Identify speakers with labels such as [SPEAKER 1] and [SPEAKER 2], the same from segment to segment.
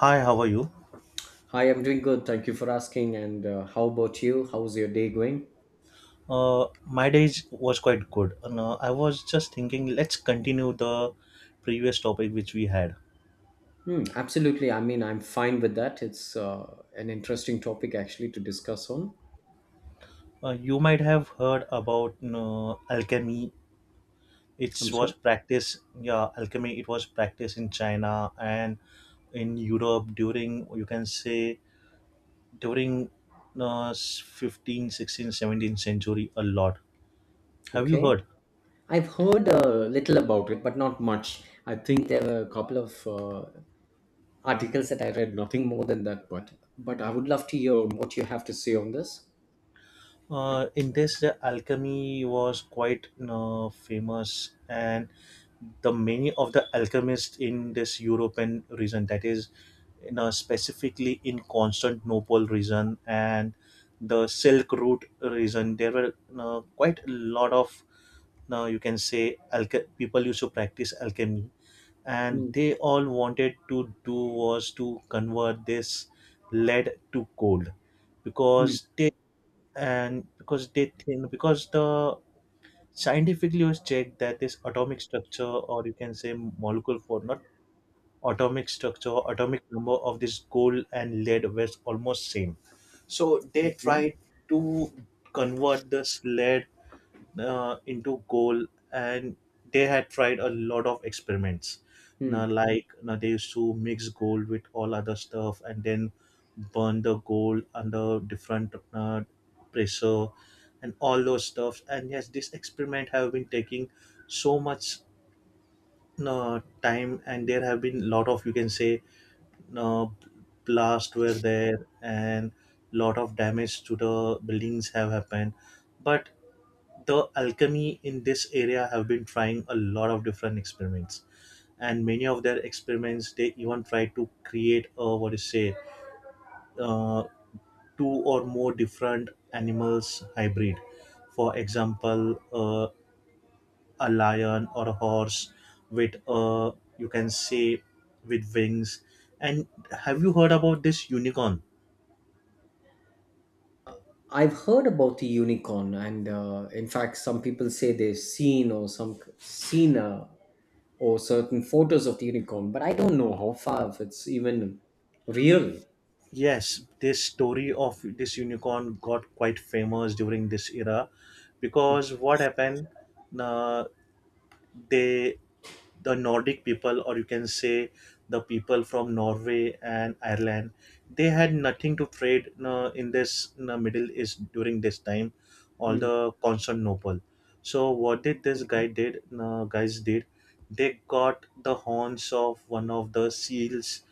[SPEAKER 1] Hi, how are you?
[SPEAKER 2] Hi, I'm doing good. Thank you for asking. And how about you? How's your day going?
[SPEAKER 1] Uh, my day was quite good. And, I was just thinking, let's continue the previous topic which we had.
[SPEAKER 2] Hmm, absolutely. I mean, I'm fine with that. It's an interesting topic actually to discuss on.
[SPEAKER 1] You might have heard about alchemy. It was practiced, yeah, alchemy. It was practiced in China and in Europe during, you can say, during 15th, 16th, 17th century a lot. Have you
[SPEAKER 2] Okay.
[SPEAKER 1] heard?
[SPEAKER 2] I've heard a little about it, but not much. I think there were a couple of articles that I read, nothing more than that. But I would love to hear what you have to say on this.
[SPEAKER 1] In this, the alchemy was quite famous, and the many of the alchemists in this European region, that is, you know, specifically in Constantinople region and the Silk Route region, there were quite a lot of, now you can say, people used to practice alchemy, and
[SPEAKER 2] Hmm,
[SPEAKER 1] they all wanted to do was to convert this lead to gold
[SPEAKER 2] hmm.
[SPEAKER 1] because they and because they think because the scientifically was checked that this atomic structure or you can say molecular form not atomic structure atomic number of this gold and lead were almost same, so they
[SPEAKER 2] Okay.
[SPEAKER 1] tried to convert this lead into gold, and they had tried a lot of experiments. Now
[SPEAKER 2] Hmm.
[SPEAKER 1] like now they used to mix gold with all other stuff and then burn the gold under different pressure and all those stuff. And yes, this experiment have been taking so much time, and there have been lot of, you can say, uh, blast were there and lot of damage to the buildings have happened. But the alchemy in this area have been trying a lot of different experiments, and many of their experiments they even try to create a what is say uh, two or more different animals hybrid. For example, a lion or a horse with you can say with wings. And have you heard about this unicorn?
[SPEAKER 2] I've heard about the unicorn, and in fact, some people say they've seen or some seen a or certain photos of the unicorn, but I don't know how far if it's even real.
[SPEAKER 1] Yes, this story of this unicorn got quite famous during this era because what happened, uh, they the Nordic people, or you can say, the people from Norway and Ireland, they had nothing to trade in this Middle East during this time, all
[SPEAKER 2] Hmm.
[SPEAKER 1] the Constantinople. So what did this guy
[SPEAKER 2] Okay.
[SPEAKER 1] did guys did, they got the horns of one of the seals.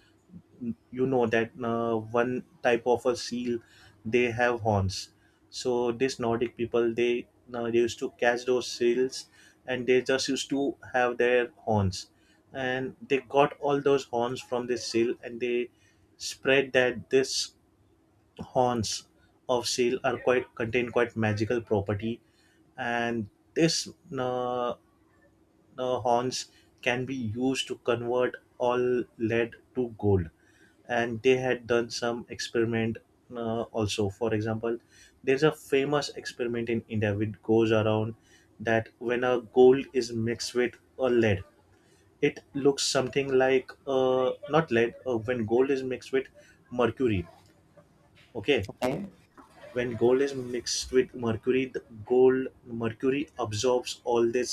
[SPEAKER 1] You know that one type of a seal, they have horns. So this Nordic people, they used to catch those seals, and they just used to have their horns. And they got all those horns from this seal, and they spread that this horns of seal are quite contain quite magical property. And this uh, uh, horns can be used to convert all lead to gold. And they had done some experiment, also. For example, there's a famous experiment in India which goes around that when a gold is mixed with a lead it looks something like, not lead, when gold is mixed with mercury. Okay.
[SPEAKER 2] Okay.
[SPEAKER 1] When gold is mixed with mercury, the gold mercury absorbs all this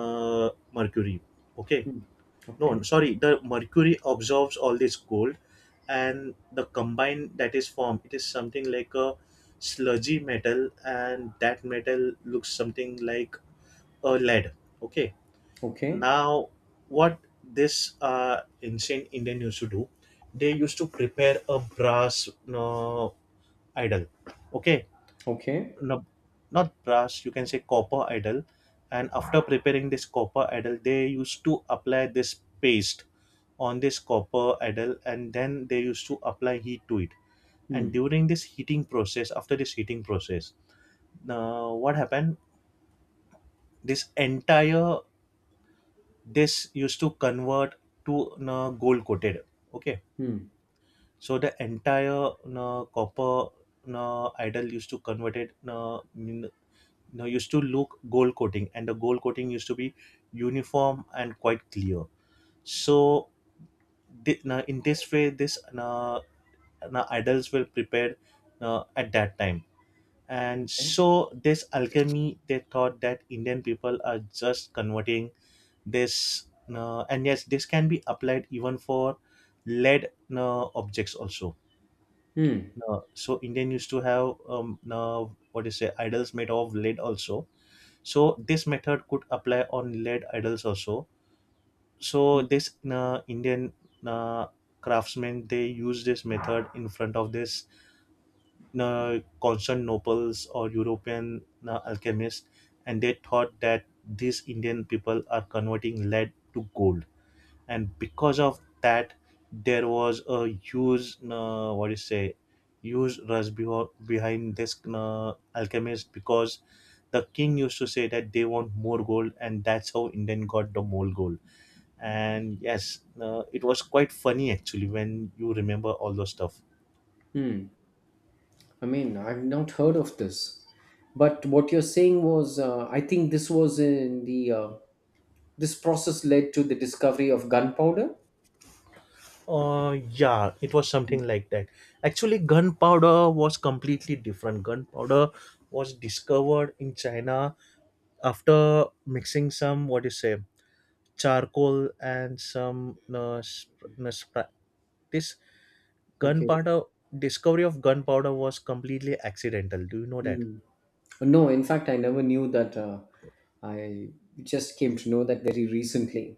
[SPEAKER 1] mercury. Okay.
[SPEAKER 2] Hmm.
[SPEAKER 1] No,
[SPEAKER 2] Okay.
[SPEAKER 1] sorry, the mercury absorbs all this cold, and the combine that is formed, it is something like a sludgy metal, and that metal looks something like a lead. Okay.
[SPEAKER 2] Okay.
[SPEAKER 1] Now what this uh, ancient Indian used to do, they used to prepare a brass uh, idol. Okay.
[SPEAKER 2] Okay.
[SPEAKER 1] No, not brass, you can say copper idol. And after preparing this copper idol, they used to apply this paste on this copper idol, and then they used to apply heat to it.
[SPEAKER 2] Hmm.
[SPEAKER 1] And during this heating process, after this heating process, what happened, this entire this used to convert to, gold coated. Okay.
[SPEAKER 2] Hmm.
[SPEAKER 1] So the entire copper idol used to convert it, now used to look gold coating, and the gold coating used to be uniform and quite clear. So now in this way, this now idols were prepared, now at that time. And
[SPEAKER 2] Okay.
[SPEAKER 1] so this alchemy they thought that Indian people are just converting this now, and yes this can be applied even for lead now objects also.
[SPEAKER 2] Hmm.
[SPEAKER 1] Now, so Indian used to have, now what do you say, idols made of lead also. So this method could apply on lead idols also. So this Indian uh, craftsmen, they use this method in front of this Constantinople or European alchemists, and they thought that these Indian people are converting lead to gold. And because of that, there was a huge, what do you say, huge rush behind this alchemist, because the king used to say that they want more gold, and that's how Indian got the more gold. And yes, it was quite funny actually when you remember all those stuff.
[SPEAKER 2] Hmm. I mean, I've not heard of this, but what you're saying was, I think this was in the this process led to the discovery of gunpowder.
[SPEAKER 1] Yeah, it was something like that. Actually gunpowder was completely different. Gunpowder was discovered in China after mixing some, what do you say, charcoal and some this
[SPEAKER 2] Okay.
[SPEAKER 1] gunpowder discovery of gunpowder was completely accidental. Do you know that?
[SPEAKER 2] Hmm. No, in fact, I never knew that. I just came to know that very recently.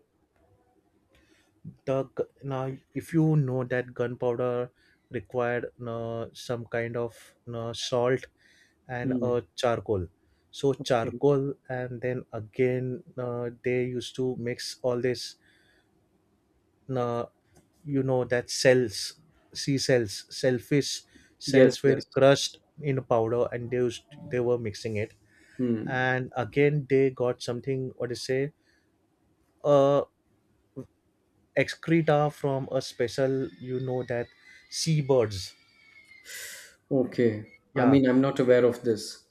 [SPEAKER 1] Now if you know that gunpowder required some kind of salt and
[SPEAKER 2] Hmm.
[SPEAKER 1] charcoal. So
[SPEAKER 2] Okay.
[SPEAKER 1] charcoal, and then again they used to mix all this uh, you know that cells, sea cells, selfish
[SPEAKER 2] Yes,
[SPEAKER 1] cells were
[SPEAKER 2] yes.
[SPEAKER 1] crushed in powder, and they were mixing it.
[SPEAKER 2] Hmm.
[SPEAKER 1] And again they got something, what do you say, uh excreta from a special, you know that, seabirds.
[SPEAKER 2] Okay. I
[SPEAKER 1] Yeah.
[SPEAKER 2] mean, I'm not
[SPEAKER 1] I-
[SPEAKER 2] aware of this.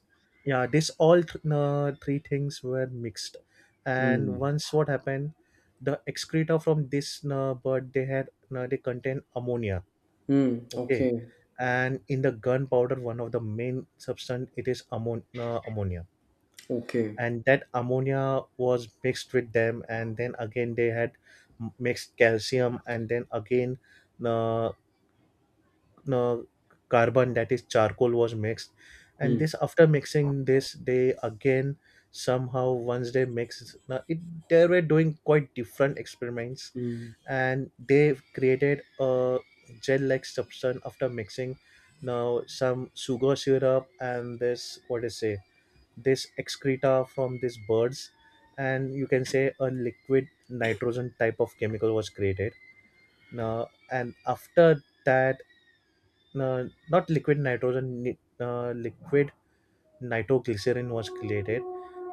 [SPEAKER 1] yeah, this three things were mixed. And
[SPEAKER 2] Hmm.
[SPEAKER 1] once what happened, the excreta from this bird, they contain ammonia.
[SPEAKER 2] Hmm.
[SPEAKER 1] Okay.
[SPEAKER 2] Okay.
[SPEAKER 1] And in the gunpowder, one of the main substance, it is ammonia.
[SPEAKER 2] Okay.
[SPEAKER 1] And that ammonia was mixed with them, and then again they had mixed calcium, and then again uh, uh, carbon, that is charcoal, was mixed. And
[SPEAKER 2] Hmm.
[SPEAKER 1] this after mixing this, they again, somehow once they mix now it, they were doing quite different experiments.
[SPEAKER 2] Hmm.
[SPEAKER 1] And they created a gel-like substance after mixing now some sugar syrup and this, what is say, this excreta from these birds, and you can say a liquid nitrogen type of chemical was created now. And after that, uh, not liquid nitrogen, liquid nitroglycerin was created.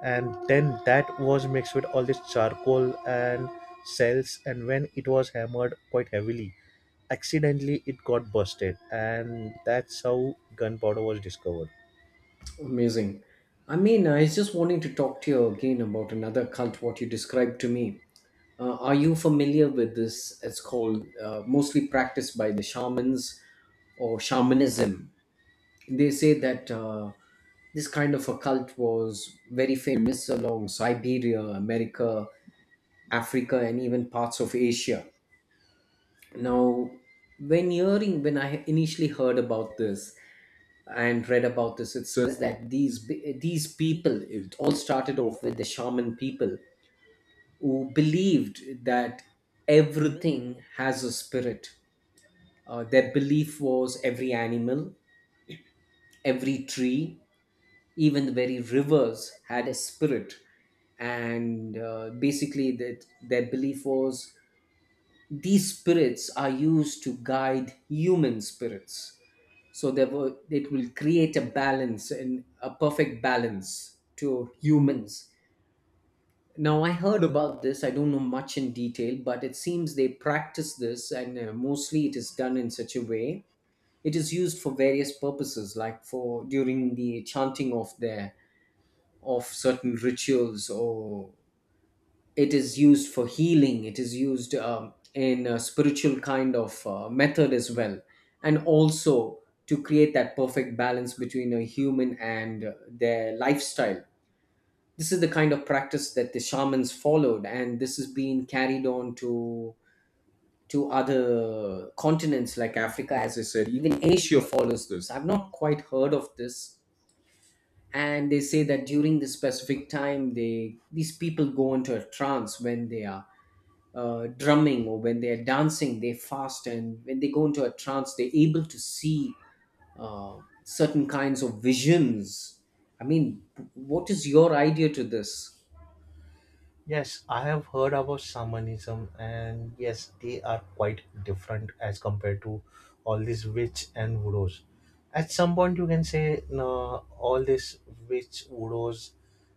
[SPEAKER 1] And then that was mixed with all this charcoal and cells, and when it was hammered quite heavily, accidentally it got busted, and that's how gunpowder was discovered.
[SPEAKER 2] Amazing. I mean, I was just wanting to talk to you again about another cult, what you described to me. Are you familiar with this? It's called mostly practiced by the shamans or shamanism. They say that this kind of a cult was very famous along Siberia, America, Africa, and even parts of Asia. Now, when I initially heard about this and read about this, it says that these people, it all started off with the shaman people who believed that everything has a spirit. Their belief was every animal, every tree, even the very rivers had a spirit, and basically that their belief was these spirits are used to guide human spirits, so there were, it will create a balance and a perfect balance to humans. Now, I heard about this, I don't know much in detail, but it seems they practice this, and mostly it is done in such a way, it is used for various purposes, like for during the chanting of their, of certain rituals, or it is used for healing, it is used in a spiritual kind of method as well, and also to create that perfect balance between a human and their lifestyle. This is the kind of practice that the shamans followed, and this is being carried on to other continents like Africa. As I said, even Asia follows this, I've not quite heard of this. And they say that during this specific time, they these people go into a trance when they are drumming or when they're dancing, they fast, and when they go into a trance, they're able to see certain kinds of visions. I mean, what is your idea to this?
[SPEAKER 1] Yes, I have heard about shamanism, and yes they are quite different as compared to all these witch and voodoo's. At some point you can say no, all this witch voodoo's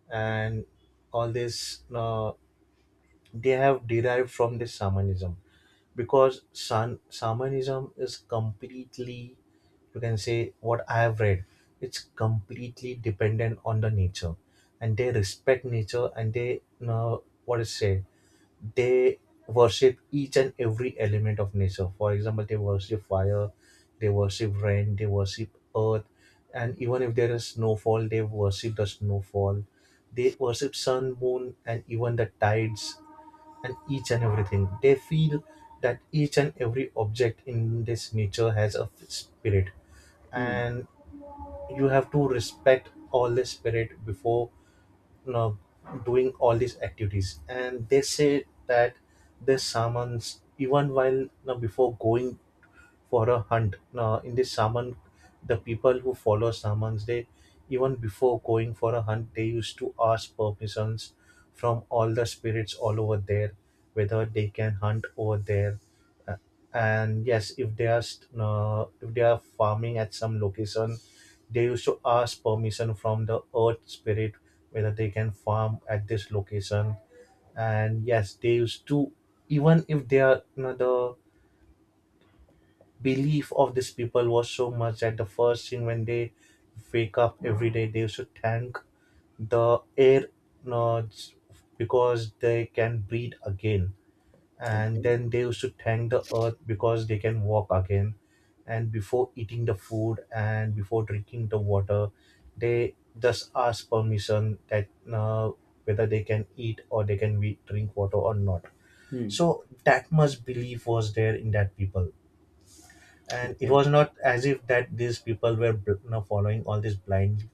[SPEAKER 1] and all this no, they have derived from this shamanism, because shamanism is completely, you can say what I have read, it's completely dependent on the nature. And they respect nature, and they know what is said, they worship each and every element of nature. For example, they worship fire, they worship rain, they worship earth, and even if there is snowfall they worship the snowfall. They worship sun, moon, and even the tides, and each and everything. They feel that each and every object in this nature has a spirit,
[SPEAKER 2] Hmm.
[SPEAKER 1] and you have to respect all the spirit before you know, doing all these activities. And they say that they summons, even while before going for a hunt. Now, in the Saman, the people who follow Samans, they, even before going for a hunt, they used to ask permissions from all the spirits all over there, whether they can hunt over there. Uh, And yes, if if they are farming at some location, they used to ask permission from the earth spirit whether they can farm at this location. And yes, they used to, even if they are the belief of these people was so much that the first thing when they wake up every day they should thank the air, uh, because they can breathe again. And
[SPEAKER 2] Okay.
[SPEAKER 1] then they should thank the earth because they can walk again. And before eating the food and before drinking the water, they just ask permission that, uh, whether they can eat or they can drink water or not.
[SPEAKER 2] Hmm.
[SPEAKER 1] So that much belief was there in that people, and it
[SPEAKER 2] Okay.
[SPEAKER 1] was not as if that these people were following all this blindly,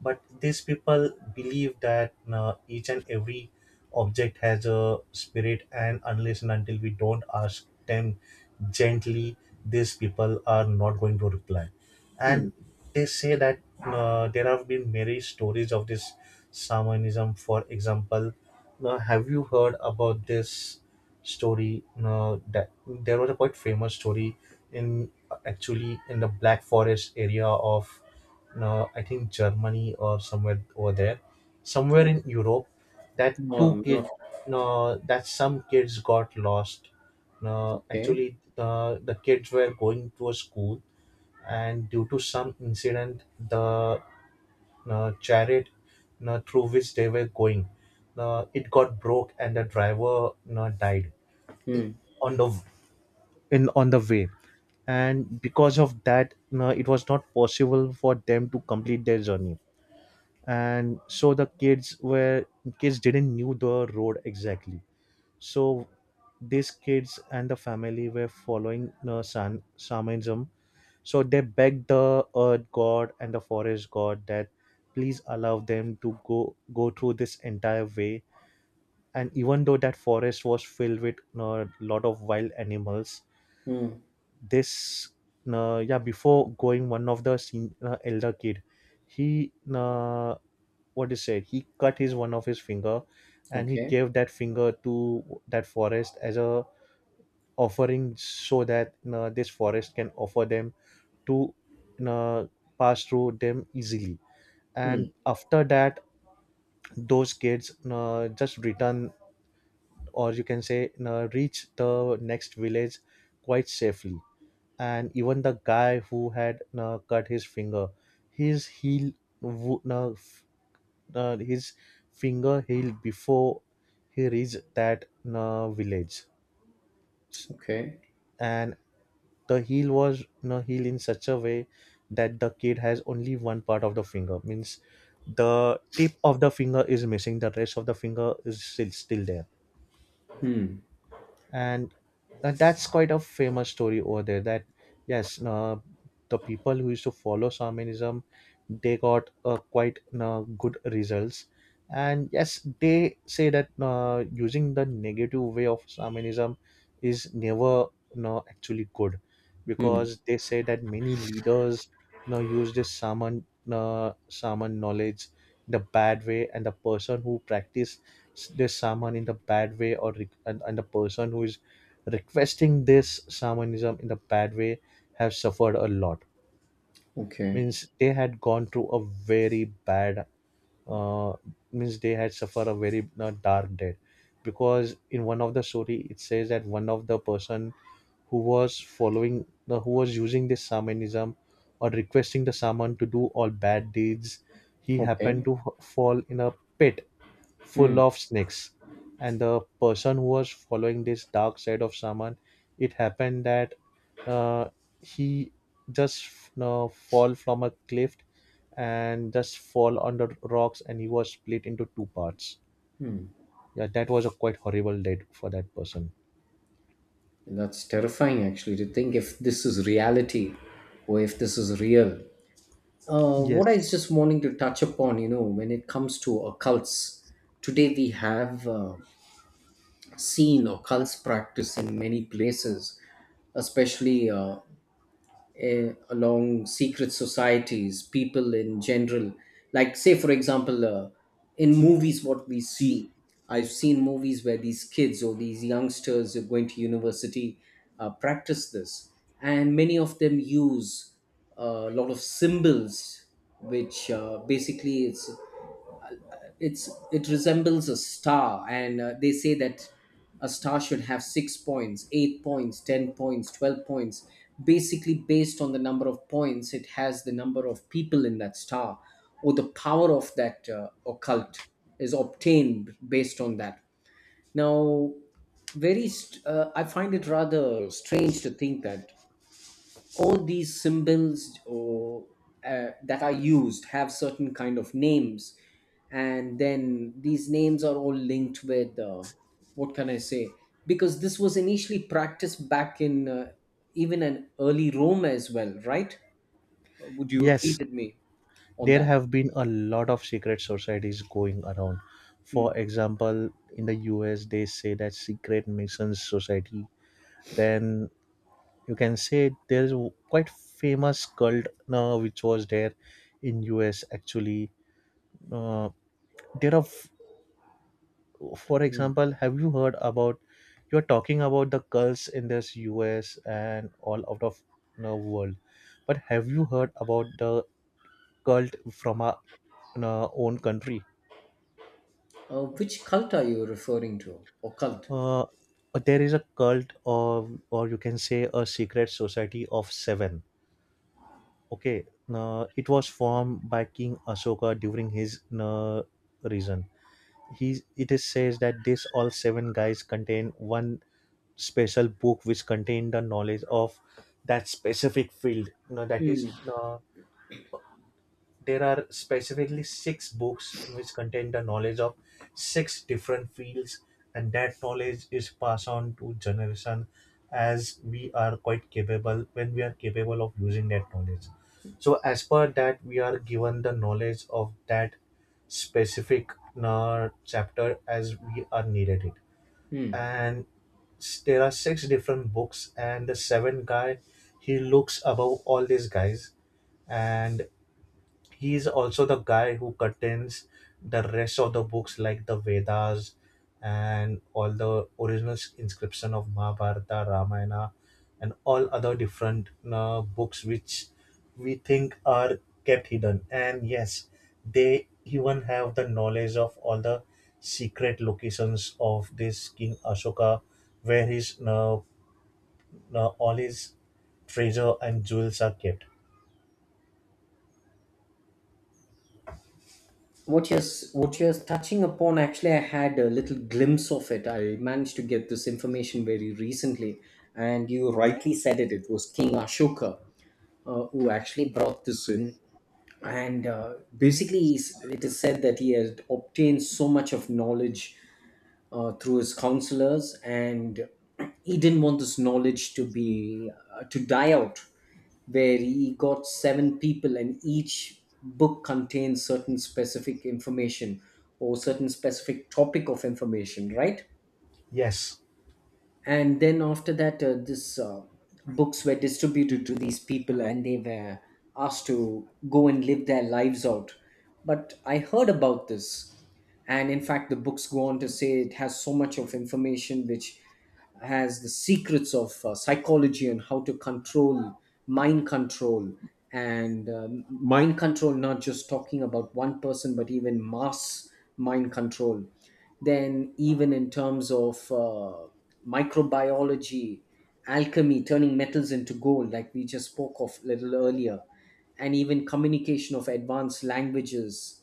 [SPEAKER 1] but these people believe that each and every object has a spirit, and unless and until we don't ask them gently, these people are not going to reply.
[SPEAKER 2] Hmm.
[SPEAKER 1] And they say that there have been many stories of this shamanism. For example, have you heard about this story, that there was a quite famous story in, actually in the Black Forest area of, no, I think Germany or somewhere over there, somewhere in Europe, that two kid,
[SPEAKER 2] Not
[SPEAKER 1] no, that some kids got lost. No,
[SPEAKER 2] okay.
[SPEAKER 1] actually, the kids were going to a school, and due to some incident, the chariot through which they were going, it got broke, and the driver died
[SPEAKER 2] Hmm.
[SPEAKER 1] on the on the way. And because of that, no, it was not possible for them to complete their journey, and so the kids were kids didn't knew the road exactly. So these kids and the family were following shamanism, so they begged the earth god and the forest god that please allow them to go through this entire way, and even though that forest was filled with a lot of wild animals.
[SPEAKER 2] Hmm.
[SPEAKER 1] This Yeah, before going, one of the elder kid, he what is said, he cut his one of his finger and he
[SPEAKER 2] Okay.
[SPEAKER 1] gave that finger to that forest as a offering so that this forest can offer them to uh, pass through them easily. And
[SPEAKER 2] Hmm.
[SPEAKER 1] after that, those kids just return, or you can say reach the next village quite safely. And even the guy who had cut his finger, his heel wo- f- his finger heel before he reached that village. S-
[SPEAKER 2] Okay.
[SPEAKER 1] and the heel was healed in such a way that the kid has only one part of the finger, means the tip of the finger is missing, the rest of the finger is still there.
[SPEAKER 2] Hmm.
[SPEAKER 1] And that's quite a famous story over there, that yes, the people who used to follow shamanism, they got quite good results. And yes, they say that using the negative way of shamanism is never, no, actually good,
[SPEAKER 2] Hmm.
[SPEAKER 1] because they say that many leaders now use this shaman knowledge in the bad way, and the person who practice this someone in the bad way and the person who is requesting this shamanism in the bad way have suffered a lot.
[SPEAKER 2] Okay.
[SPEAKER 1] Means they had gone through a very bad, uh, means they had suffered a very dark death, because in one of the story it says that one of the person who was following the who was using this shamanism or requesting the shaman to do all bad deeds, he happened
[SPEAKER 2] Okay.
[SPEAKER 1] to fall in a pit full of snakes. And the person who was following this dark side of shaman, it happened that uh, he just, you know, fall from a cliff and just fall on the rocks, and he was split into two parts. Yeah, that was a quite horrible death for that person.
[SPEAKER 2] That's terrifying actually to think if this is reality or if this is real. What I
[SPEAKER 1] Yes.
[SPEAKER 2] was just wanting to touch upon, when it comes to occults, today we have seen occults practice in many places, especially along secret societies, people in general. Like, say, for example, in movies, what we see, I've seen movies where these kids or these youngsters who are going to university practice this, and many of them use a lot of symbols, which basically it's it resembles a star, and they say that a star should have six points, eight points, 10 points, 12 points, basically based on the number of points it has, the number of people in that star or the power of that occult is obtained based on that. Now, I find it rather strange to think that all these symbols or that are used have certain kind of names, and then these names are all linked with what can I say, because this was initially practiced back in even in early Rome as well, right? Would you agree
[SPEAKER 1] Yes.
[SPEAKER 2] with me on
[SPEAKER 1] There
[SPEAKER 2] that?
[SPEAKER 1] have been a lot of secret societies going around.
[SPEAKER 2] Hmm.
[SPEAKER 1] For example, in the US, they say that secret masons society. Then you can say there is a quite famous cult now which was there in US actually. Uh, there are, for
[SPEAKER 2] Hmm.
[SPEAKER 1] example, have you heard about? You're talking about the cults in this US and all out of the world, but have you heard about the cult from our in our own country?
[SPEAKER 2] Which cult are you referring to, or cult?
[SPEAKER 1] Uh, there is a cult of, or you can say, a secret society of seven. Okay, it was formed by King Asoka during his reason. He It is says that this all seven guys contain one special book which contained the knowledge of that specific field. You know, that
[SPEAKER 2] Hmm.
[SPEAKER 1] is there are specifically six books which contain the knowledge of six different fields, and that knowledge is passed on to generation, as we are quite capable when we are capable of using that knowledge, so as per that we are given the knowledge of that specific chapter as we are needed it.
[SPEAKER 2] Hmm.
[SPEAKER 1] And there are six different books, and the seventh guy, he looks above all these guys, and he is also the guy who contains the rest of the books like the Vedas and all the original inscription of Mahabharata, Ramayana, and all other different books which we think are kept hidden. And yes, they even have the knowledge of all the secret locations of this King Ashoka, where his all his treasure and jewels are kept.
[SPEAKER 2] What you're what you're touching upon, actually I had a little glimpse of it, I managed to get this information very recently, and you rightly said it was King Ashoka who actually brought this in, and basically it is said that he had obtained so much of knowledge through his counselors, and he didn't want this knowledge to be to die out. Where he got seven people, and each book contains certain specific information or certain specific topic of information, right?
[SPEAKER 1] Yes,
[SPEAKER 2] And then after that this books were distributed to these people and they were asked to go and live their lives out, but I heard about this, and in fact the books go on to say it has so much of information, which has the secrets of psychology and how to control mind control, and mind control not just talking about one person but even mass mind control, then even in terms of microbiology, alchemy, turning metals into gold, like we just spoke of a little earlier, and even communication of advanced languages.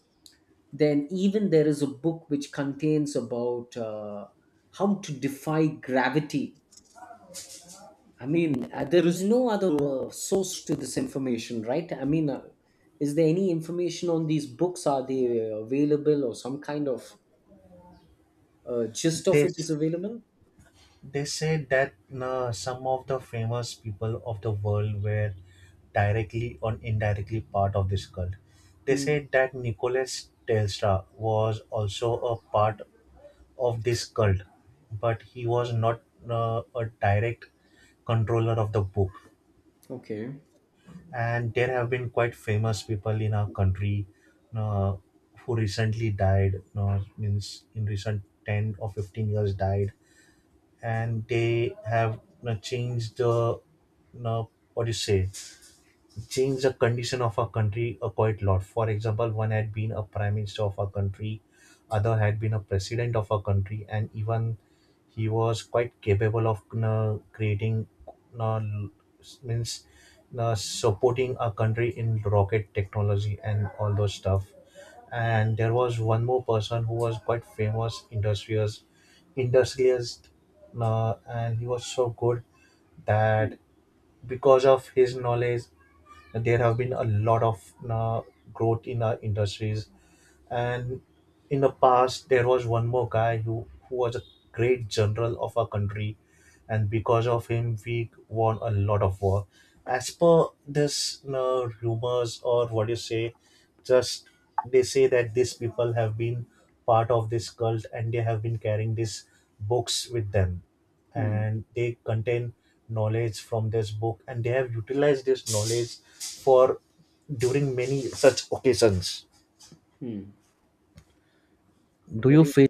[SPEAKER 2] Then, even there is a book which contains about how to defy gravity. I mean, there is no other source to this information, right? I mean, is there any information on these books? Are they available or some kind of gist of it is
[SPEAKER 1] this
[SPEAKER 2] available?
[SPEAKER 1] they say that some of the famous people of the world were directly or indirectly part of this cult. They
[SPEAKER 2] Hmm.
[SPEAKER 1] say that Nicholas Telstra was also a part of this cult, but he was not a direct controller of the book.
[SPEAKER 2] Okay.
[SPEAKER 1] And there have been quite famous people in our country uh, who recently died, means in recent 10 or 15 years died, and they have, you know, changed the you know, what do you say changed the condition of our country a quite lot. For example, one had been a prime minister of our country, other had been a president of our country, and even he was quite capable of you creating, you means you supporting our country in rocket technology and all those stuff. And there was one more person who was quite famous, industrious industrialist, and he was so good that because of his knowledge, there have been a lot of uh, growth in our industries. And in the past there was one more guy who was a great general of our country, and because of him we won a lot of war. As per this rumors or what you say, just they say that these people have been part of this cult, and they have been carrying these books with them,
[SPEAKER 2] Hmm.
[SPEAKER 1] and they contain knowledge from this book, and they have utilized this knowledge for during many such occasions.
[SPEAKER 2] Hmm.
[SPEAKER 1] Do you
[SPEAKER 2] Very.
[SPEAKER 1] feel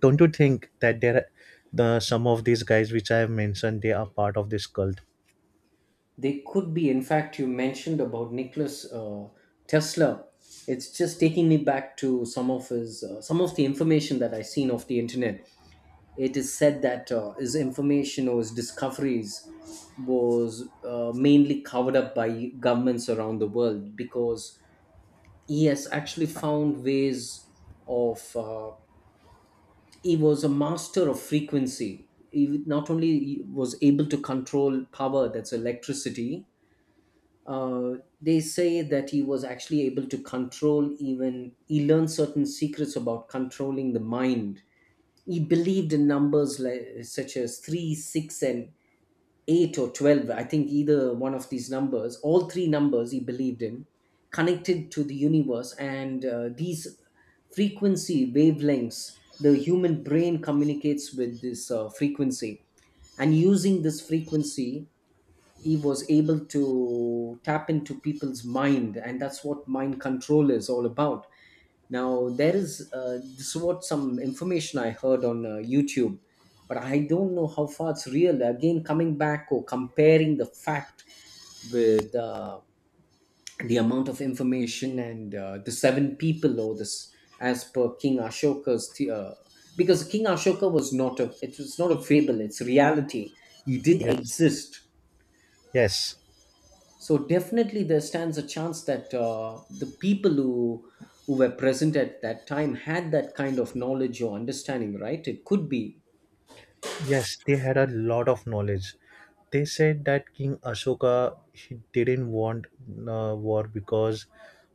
[SPEAKER 1] Don't you think that there are, the some of these guys which I have mentioned, they are part of this cult?
[SPEAKER 2] They could be, in fact, you mentioned about Nicholas Tesla. It's just taking me back to some of his, some of the information that I've seen off the internet. It is said that his information or his discoveries was mainly covered up by governments around the world, because he has actually found ways of he was a master of frequency, he not only was able to control power, that's electricity, uh, they say that he was actually able to control, even he learned certain secrets about controlling the mind. He believed in numbers like such as 3, 6 and 8 or 12, I think either one of these numbers, all three numbers he believed in, connected to the universe, and these frequency wavelengths the human brain communicates with, this frequency, and using this frequency he was able to tap into people's mind, and that's what mind control is all about. Now, there is this is what some information I heard on YouTube, but I don't know how far it's real. Again, coming back or comparing the fact with the amount of information and the seven people, or this, as per King Ashoka's because King Ashoka was not a it was not a fable, it's reality, he did
[SPEAKER 1] Yes.
[SPEAKER 2] exist.
[SPEAKER 1] Yes.
[SPEAKER 2] So definitely there stands a chance that the people who were present at that time had that kind of knowledge or understanding, right? It could be.
[SPEAKER 1] Yes, they had a lot of knowledge. They said that King Ashoka, he didn't want war because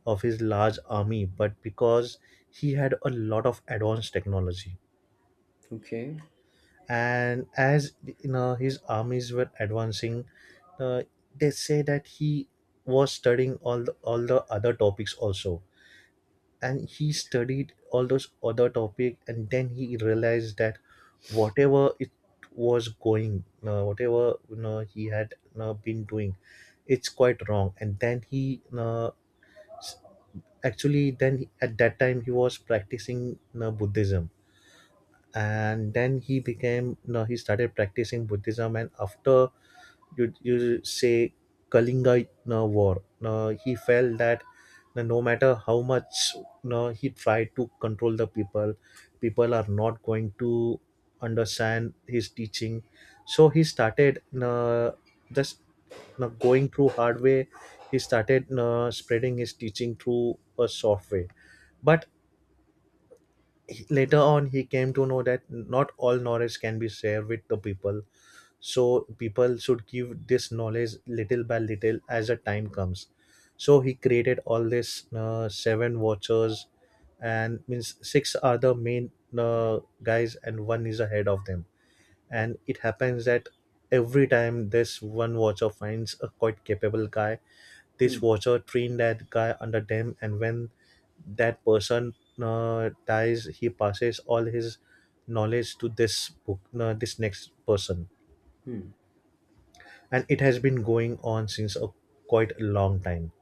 [SPEAKER 1] of his large army, but because he had a lot of advanced technology.
[SPEAKER 2] Okay.
[SPEAKER 1] And as you know, his armies were advancing. uh, they say that he was studying all the other topics also, and he studied all those other topic, and then he realized that whatever it was going whatever, you know, he had been doing, it's quite wrong. And then s- actually, then at that time he was practicing buddhism, and then he became no he started practicing buddhism, and after you say Kalinga war. He felt that, no matter how much he tried to control the people, people are not going to understand his teaching. So he started just going through hard way. He started spreading his teaching through a soft way. But later on, he came to know that not all knowledge can be shared with the people, so people should give this knowledge little by little as the time comes. So he created all this seven watchers, and means six are the main guys, and one is ahead of them. And it happens that every time this one watcher finds a quite capable guy, this
[SPEAKER 2] Hmm,
[SPEAKER 1] watcher train that guy under them, and when that person dies, he passes all his knowledge to this next person.
[SPEAKER 2] hmm,
[SPEAKER 1] And it has been going on since quite a long time.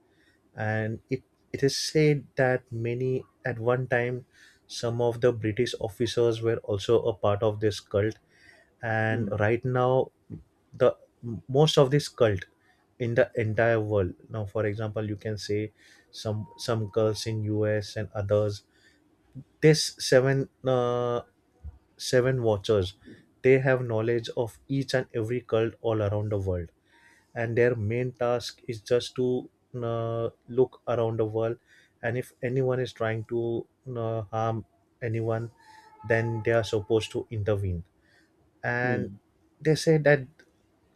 [SPEAKER 1] And It is said that many, at one time some of the British officers were also a part of this cult. And
[SPEAKER 2] hmm,
[SPEAKER 1] right now, the most of this cult in the entire world, now for example you can say some cults in US and others, this seven watchers, they have knowledge of each and every cult all around the world, and their main task is just to look around the world, and if anyone is trying to harm anyone, then they are supposed to intervene. And
[SPEAKER 2] hmm,
[SPEAKER 1] they say that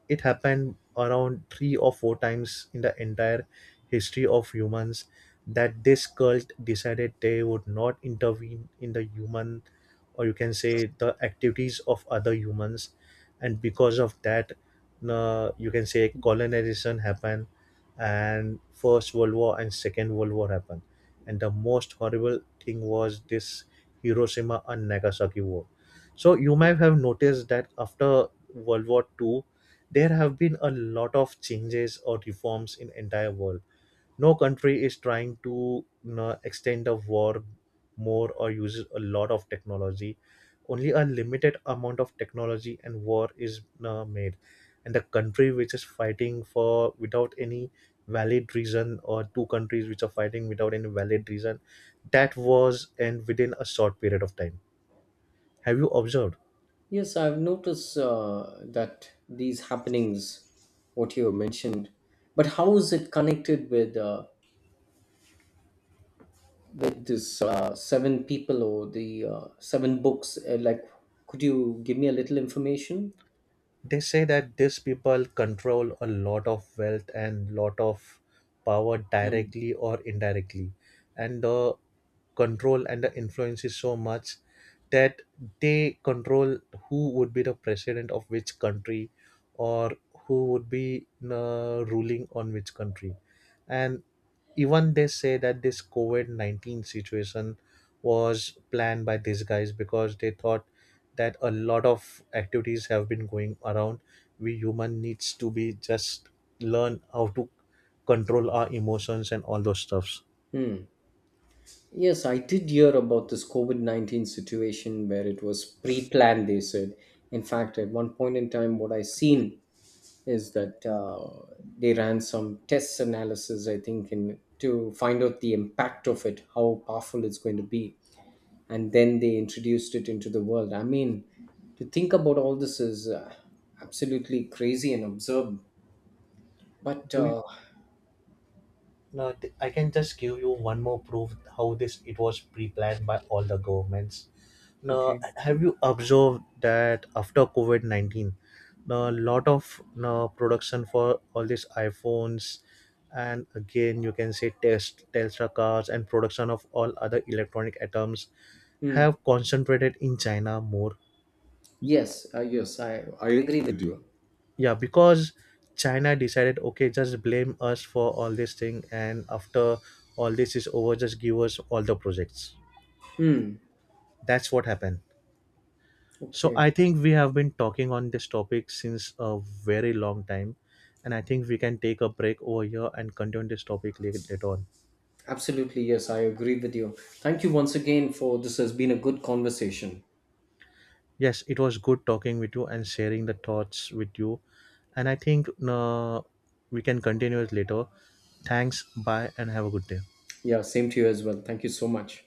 [SPEAKER 1] it happened around three or four times in the entire history of humans, that this cult decided they would not intervene in the human, or you can say, the activities of other humans. And because of that, you can say
[SPEAKER 2] hmm.
[SPEAKER 1] colonization happened, and first world war and second world war happened. And the most horrible thing was this Hiroshima and Nagasaki war. So you might have noticed that after World War II, there have been a lot of changes or reforms in entire world. No country is trying to, you know, extend the war more, or uses a lot of technology, only a limited amount of technology, and war is made, and the country which is fighting for without any valid reason, or two countries which are fighting without any valid reason, that was, and within a short period of time. Have you observed?
[SPEAKER 2] Yes, I've noticed that these happenings, what you mentioned, but how is it connected with with this seven people or the seven books? Like, could you give me a little information?
[SPEAKER 1] They say that these people control a lot of wealth and lot of power
[SPEAKER 2] Hmm.
[SPEAKER 1] directly or indirectly. And the control and the influence is so much that they control who would be the president of which country, or who would be ruling on which country. And even they say that this COVID-19 situation was planned by these guys, because they thought that a lot of activities have been going around, we human needs to be just learn how to control our emotions and all those stuffs.
[SPEAKER 2] Hmm. Yes, I did hear about this COVID-19 situation where it was pre planned, they said. In fact, at one point in time, what I seen is that they ran some test analysis, I think, in, to find out the impact of it, how powerful it's going to be. And then they introduced it into the world. I mean, to think about all this is absolutely crazy and absurd. But,
[SPEAKER 1] do you,
[SPEAKER 2] uh,
[SPEAKER 1] No, I can just give you one more proof how this it was pre-planned by all the governments. Now,
[SPEAKER 2] okay.
[SPEAKER 1] have you observed that after COVID-19, a lot of now production for all these iPhones, and again you can say test Tesla cars and production of all other electronic items
[SPEAKER 2] Hmm.
[SPEAKER 1] have concentrated in China more.
[SPEAKER 2] Yes, yes, I agree with you.
[SPEAKER 1] Yeah, because China decided, okay, just blame us for all this thing, and after all this is over, just give us all the projects.
[SPEAKER 2] Hmm.
[SPEAKER 1] That's what happened. So
[SPEAKER 2] Okay.
[SPEAKER 1] I think we have been talking on this topic since a very long time, and I think we can take a break over here and continue this topic later on.
[SPEAKER 2] Absolutely, yes, I agree with you. Thank you once again, for this has been a good conversation.
[SPEAKER 1] Yes, it was good talking with you and sharing the thoughts with you, and I think we can continue it later. Thanks. Bye, and have a good day.
[SPEAKER 2] Yeah, same to you as well. Thank you so much.